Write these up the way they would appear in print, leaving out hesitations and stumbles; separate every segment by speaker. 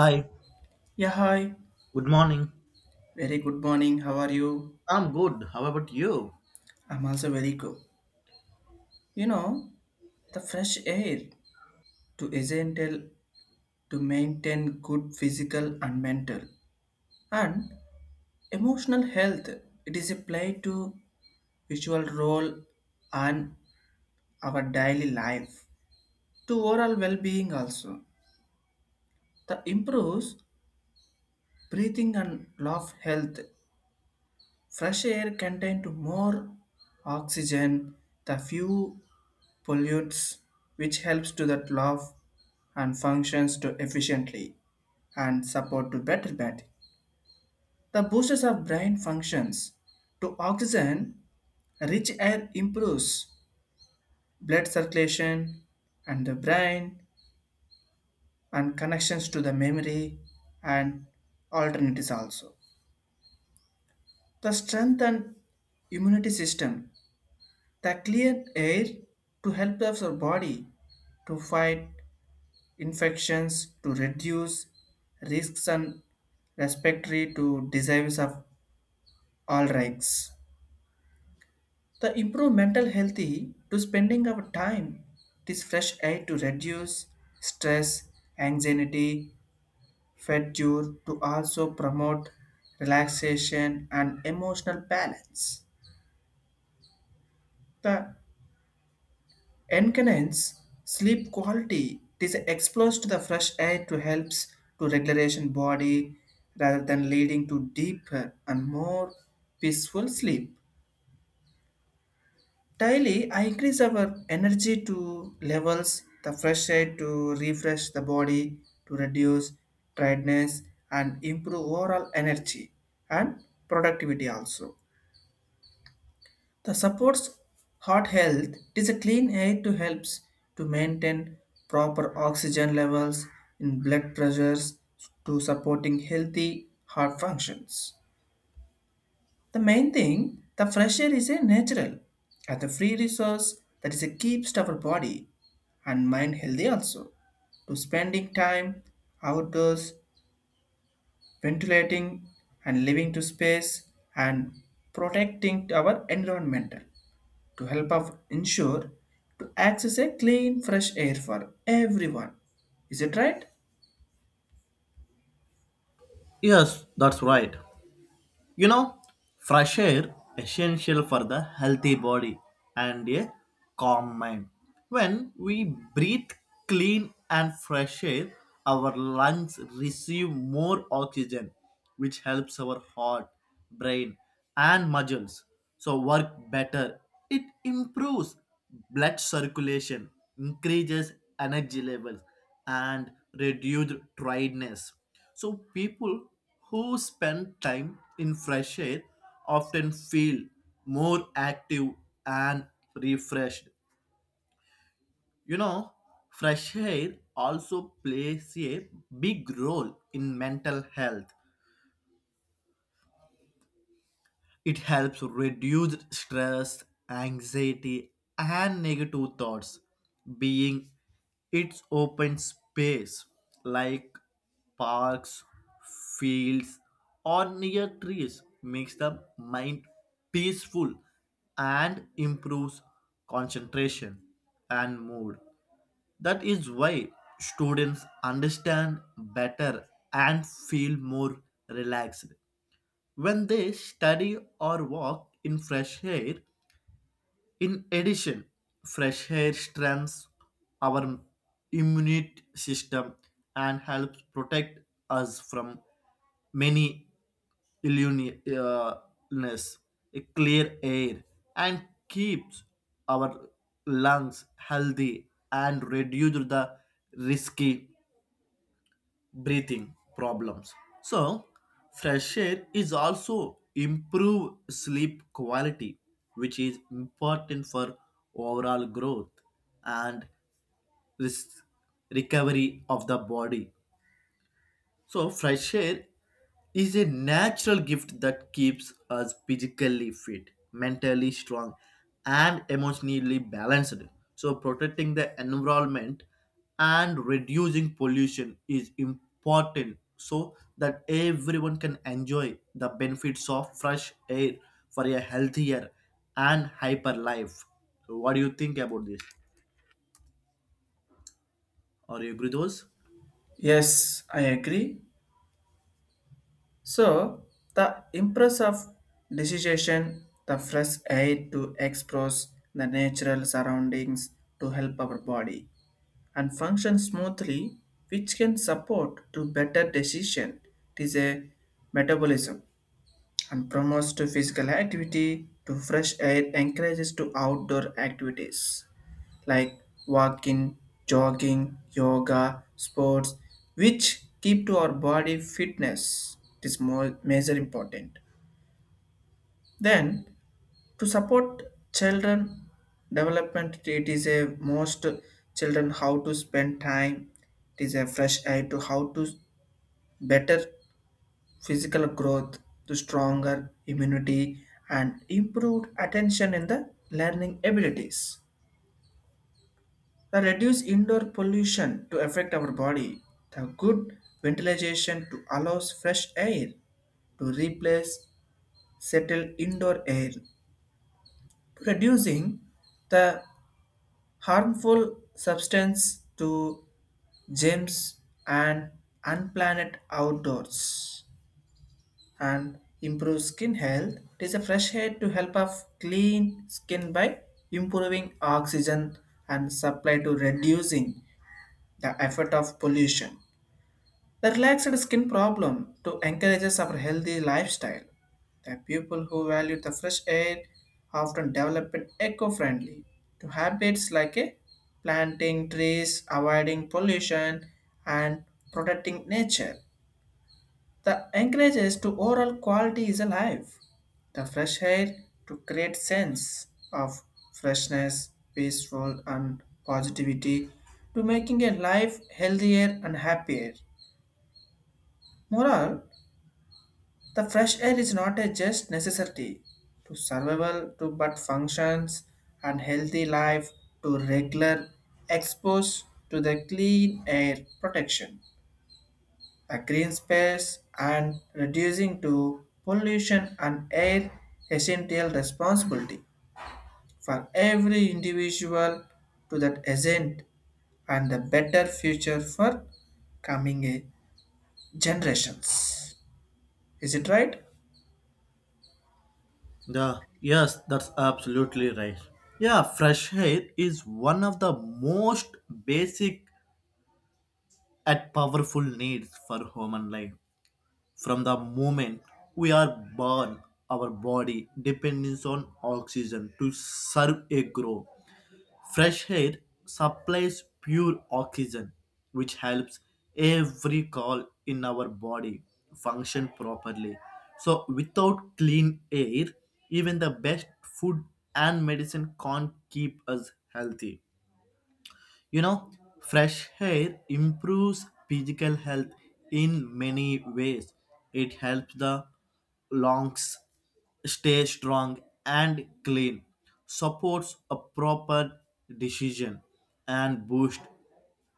Speaker 1: Hi,
Speaker 2: Yeah, hi.
Speaker 1: good morning.
Speaker 2: Very good morning. How are you?
Speaker 1: I'm good. How about you?
Speaker 2: I'm also very good. You know, the fresh air to essential to maintain good physical and mental and emotional health. It is a play to visual role and our daily life to overall well-being also. The improves breathing and love health. Fresh air contain to more oxygen, the few pollutes, which helps to that love and functions to efficiently and support to better batting. The boosters of brain functions to oxygen, rich air improves blood circulation and the brain and connections to the memory and alternatives also. The strength and immunity system, the clear air to help us our body to fight infections to reduce risks and respiratory to diseases of all ranks. The improve mental healthy to spending our time this fresh air to reduce stress, anxiety, fatigue to also promote relaxation and emotional balance. The enhance sleep quality. It is exposed to the fresh air to helps to regulation body rather than leading to deeper and more peaceful sleep. Daily, I increase our energy to levels, the fresh air to refresh the body, to reduce tiredness and improve overall energy and productivity also. The supports heart health, it is a clean air to helps to maintain proper oxygen levels in blood pressures to supporting healthy heart functions. The main thing, the fresh air is a natural as a free resource that is a keeps our body and mind healthy also. To spending time outdoors, ventilating and living to space and protecting our environmental to help us ensure to access a clean fresh air for everyone. Is it right?
Speaker 1: Yes, that's right. You know, fresh air essential for the healthy body and a calm mind. When we breathe clean and fresh air, our lungs receive more oxygen, which helps our heart, brain, and muscles so work better. It improves blood circulation, increases energy levels, and reduces tiredness. So people who spend time in fresh air often feel more active and refreshed. You know, fresh air also plays a big role in mental health. It helps reduce stress, anxiety, and negative thoughts. Being its open space like parks, fields, or near trees makes the mind peaceful and improves concentration and mood. That is why students understand better and feel more relaxed when they study or walk in fresh air. In addition, fresh air strengthens our immune system and helps protect us from many illuni- uh, illness, a clear air, and keeps our lungs healthy and reduce the risky breathing problems. So, fresh air is also improve sleep quality, which is important for overall growth and risk recovery of the body. So, fresh air is a natural gift that keeps us physically fit, mentally strong, and emotionally balanced. So, protecting the environment and reducing pollution is important so that everyone can enjoy the benefits of fresh air for a healthier and hyper life. So, what do you think about this? Are you agree with those?
Speaker 2: Yes, I agree. So, the impress of decision, the fresh air to explore the natural surroundings to help our body and function smoothly, which can support to better decision. It is a metabolism and promotes to physical activity, to fresh air encourages to outdoor activities like walking, jogging, yoga, sports, which keep to our body fitness. It is more major important. Then to support children development, it is a most children how to spend time, it is a fresh air to how to better physical growth to stronger immunity and improved attention in the learning abilities. The reduce indoor pollution to affect our body. The good ventilation to allows fresh air to replace settled indoor air. Reducing the harmful substance to germs and unplanned outdoors. And improve skin health. It is a fresh air to help us clean skin by improving oxygen and supply to reducing the effect of pollution. The relaxed skin problem to encourages our healthy lifestyle. The people who value the fresh air often develop it eco-friendly to habits like a planting trees, avoiding pollution, and protecting nature. The encourages to oral quality is alive. The fresh air to create sense of freshness, peaceful and positivity to making a life healthier and happier. Moral, the fresh air is not a just necessity to survival to but functions and healthy life to regular expose to the clean air protection, a green space, and reducing to pollution and air, essential responsibility for every individual to that agent and the better future for coming generations. Is it right?
Speaker 1: Yes, that's absolutely right. Yeah, fresh air is one of the most basic and powerful needs for human life. From the moment we are born, our body depends on oxygen to serve a growth. Fresh air supplies pure oxygen, which helps every cell in our body function properly. So, without clean air, even the best food and medicine can't keep us healthy. You know, fresh air improves physical health in many ways. It helps the lungs stay strong and clean, supports a proper decision, and boost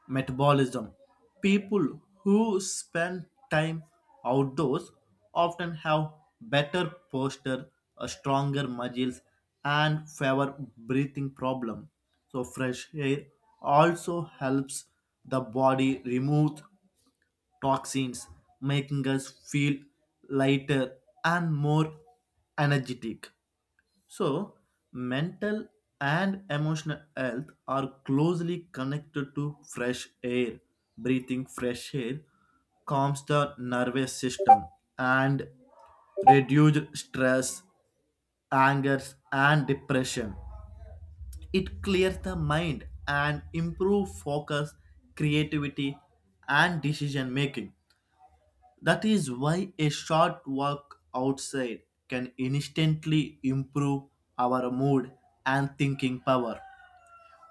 Speaker 1: metabolism. People who spend time outdoors often have better posture, a stronger muscles, and fewer breathing problem. So fresh air also helps the body remove toxins, making us feel lighter and more energetic. So, mental and emotional health are closely connected to fresh air. Breathing fresh air calms the nervous system and reduces stress, anger, and depression. It clears the mind and improves focus, creativity, and decision making. That is why a short walk outside can instantly improve our mood and thinking power.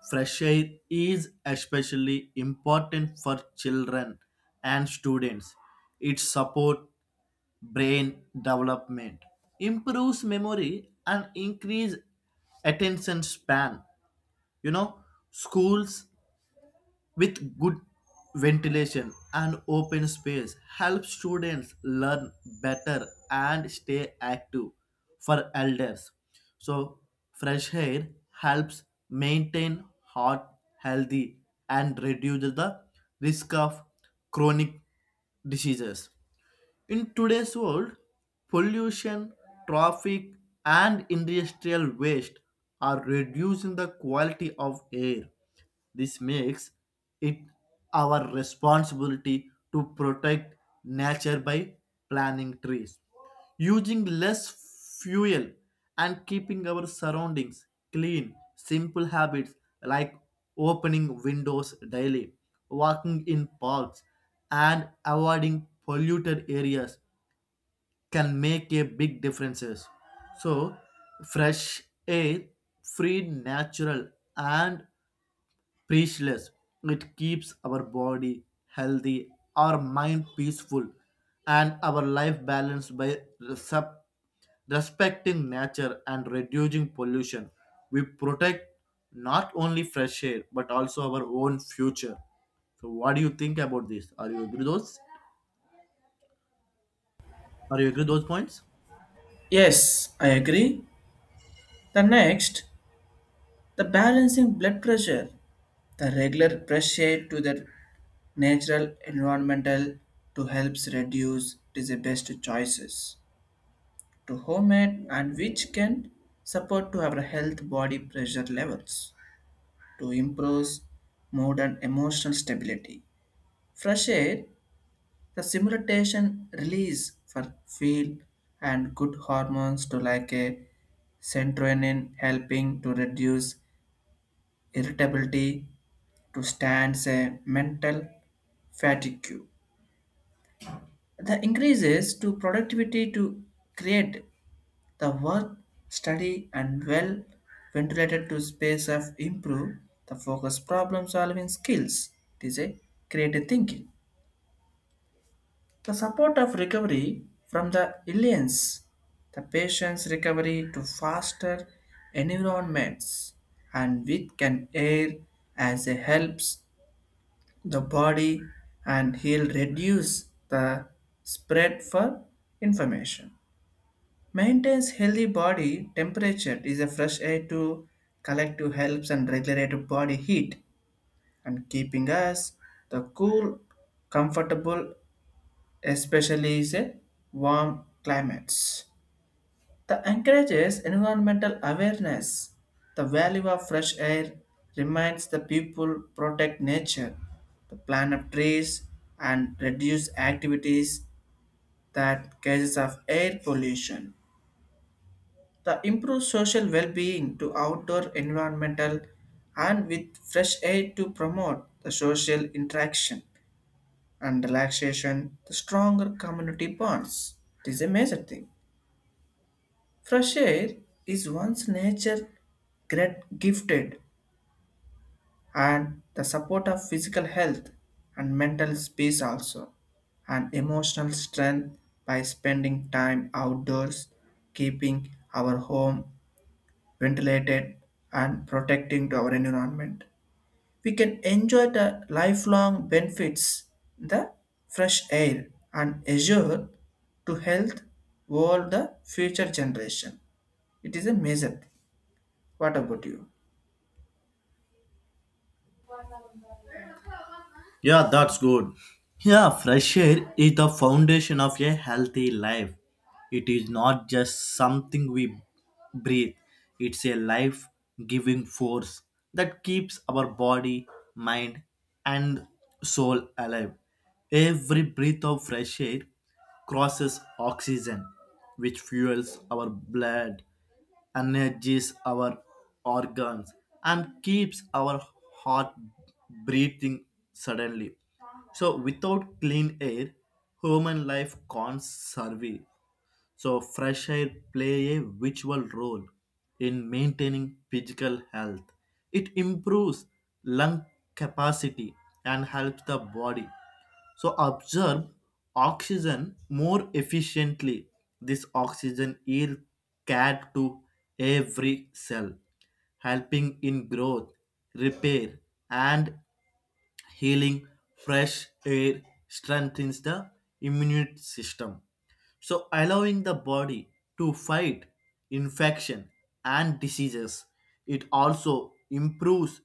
Speaker 1: Fresh air is especially important for children and students. It supports brain development, improves memory, and increases attention span. You know, schools with good ventilation and open space help students learn better and stay active. For elders, so fresh air helps maintain heart healthy and reduces the risk of chronic diseases. In today's world, pollution, traffic, and industrial waste are reducing the quality of air. This makes it our responsibility to protect nature by planting trees, using less fuel, and keeping our surroundings clean. Simple habits like opening windows daily, walking in parks, and avoiding polluted areas can make a big differences. So fresh air, free, natural, and priceless, it keeps our body healthy, our mind peaceful, and our life balanced by sup- respecting nature and reducing pollution. We protect not only fresh air but also our own future. So what do you think about this? Are you agree those? Are you agree those points?
Speaker 2: Yes, I agree. The next, the balancing blood pressure, the regular pressure to the natural environmental to helps reduce, it is the best choices to homemade and which can support to our health body pressure levels to improve mood and emotional stability. Fresh air, the simulation release for feel and good hormones to like a serotonin helping to reduce irritability to stand a mental fatigue. The increases to productivity to create the work, study, and well ventilated to space have improved the focus problem solving skills. It is a creative thinking. The support of recovery from the aliens, the patient's recovery to faster environments, and with can air as it helps the body and he'll reduce the spread for information. Maintains healthy body temperature is a fresh air to collective helps and regulate body heat and keeping us the cool, comfortable, especially is a warm climates. The encourages environmental awareness. The value of fresh air reminds the people protect nature, the plant of trees and reduce activities that causes of air pollution. The improved social well-being to outdoor environmental and with fresh air to promote the social interaction and relaxation, the stronger community bonds. It is a major thing. Fresh air is one's nature great gifted and the support of physical health and mental peace also and emotional strength by spending time outdoors, keeping our home ventilated, and protecting to our environment. We can enjoy the lifelong benefits, the fresh air, and assure to health all the future generation. It is a major thing. What about you?
Speaker 1: Yeah, that's good. Yeah, fresh air is the foundation of a healthy life. It is not just something we breathe, it's a life giving force that keeps our body, mind, and soul alive. Every breath of fresh air crosses oxygen, which fuels our blood, energies our organs, and keeps our heart breathing suddenly. So, without clean air, human life can't survive. So, fresh air play a vital role in maintaining physical health. It improves lung capacity and helps the body so absorb oxygen more efficiently. This oxygen is carried to every cell, helping in growth, repair, and healing. Fresh air strengthens the immune system, so allowing the body to fight infection and diseases. It also improves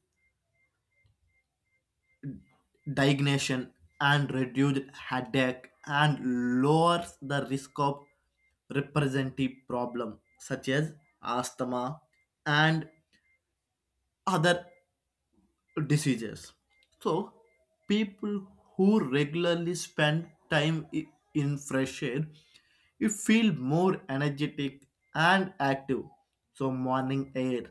Speaker 1: digestion and reduces headache and lowers the risk of representative problem such as asthma and other diseases. So, people who regularly spend time in fresh air, you feel more energetic and active. So, morning air,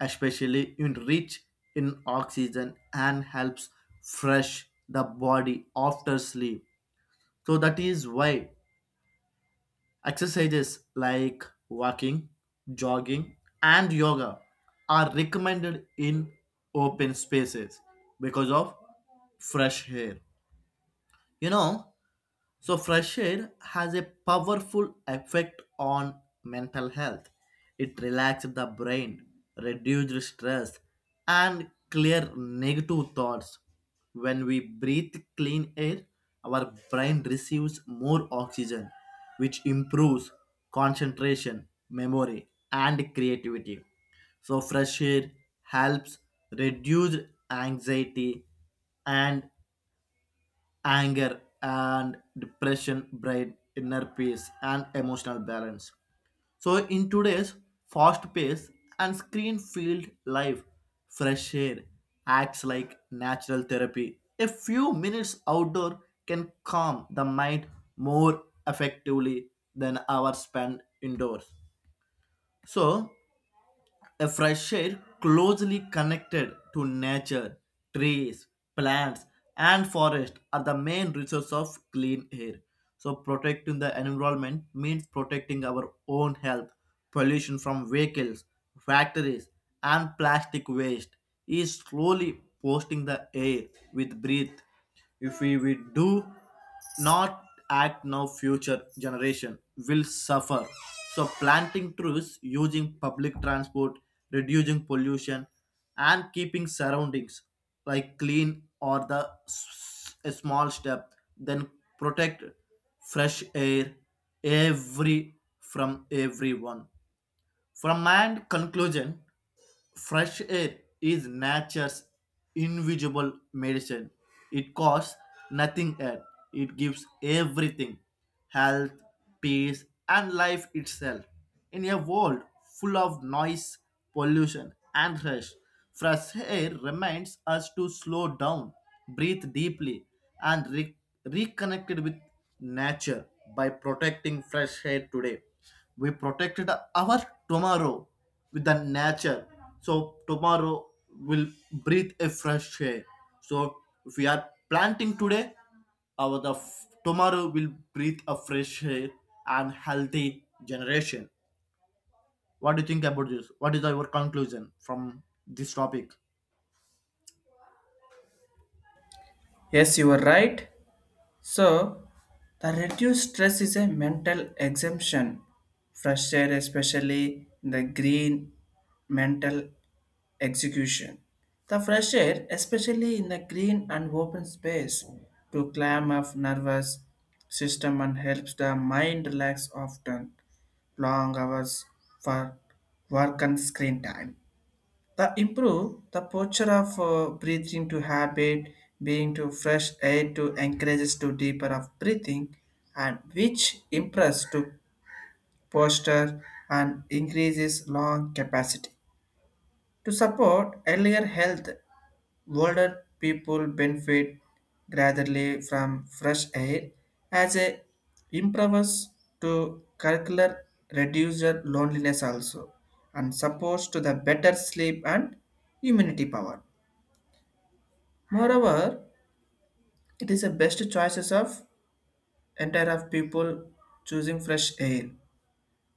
Speaker 1: especially in rich in oxygen, and helps fresh the body after sleep. So that is why exercises like walking, jogging, and yoga are recommended in open spaces because of fresh air. You know, so, fresh air has a powerful effect on mental health. It relaxes the brain, reduces stress, and clear negative thoughts. When we breathe clean air, our brain receives more oxygen, which improves concentration, memory, and creativity. So, fresh air helps reduce anxiety and anger and depression, brain inner peace and emotional balance. So in today's fast paced and screen filled life, fresh air acts like natural therapy. A few minutes outdoor can calm the mind more effectively than hours spent indoors. So a fresh air closely connected to nature, trees, plants, and forest are the main resource of clean air. So, protecting the environment means protecting our own health. Pollution from vehicles, factories, and plastic waste is slowly posting the air with breath. If we, we do not act now, future generation will suffer. So planting trees, using public transport, reducing pollution, and keeping surroundings like clean, or the a small step then protect fresh air every from everyone. From my end conclusion, fresh air is nature's invisible medicine. It costs nothing yet. It gives everything: health, peace, and life itself. In a world full of noise, pollution, and rush, fresh air reminds us to slow down, breathe deeply, and reconnect with nature by protecting fresh air today. We protected our tomorrow with the nature, so tomorrow will breathe a fresh air. So if we are planting today, our tomorrow will breathe a fresh air and healthy generation. What do you think about this? What is your conclusion from this topic?
Speaker 2: Yes, you are right. So, the reduced stress is a mental exemption. Fresh air, especially in the green mental execution. The fresh air, especially in the green and open space, to clam up nervous system and helps the mind relax often long hours for work and screen time. The improve the posture of breathing to habit, being to fresh air to encourages to deeper of breathing and which improves to posture and increases lung capacity to support earlier health. Older people benefit gradually from fresh air as a improves to curricular reduce your loneliness also and supports to the better sleep and immunity power. Moreover, it is the best choices of entire of people choosing fresh air.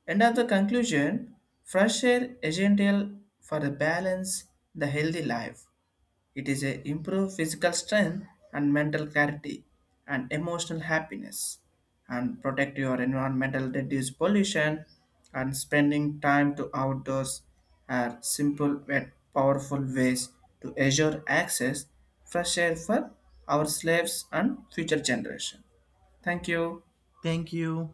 Speaker 2: End of the conclusion, fresh air essential for the balance, the healthy life. It is a improve physical strength and mental clarity and emotional happiness and protect your environmental reduce pollution and spending time to outdoors are simple yet powerful ways to assure access fresh air for our slaves and future generation. Thank you.
Speaker 1: Thank you.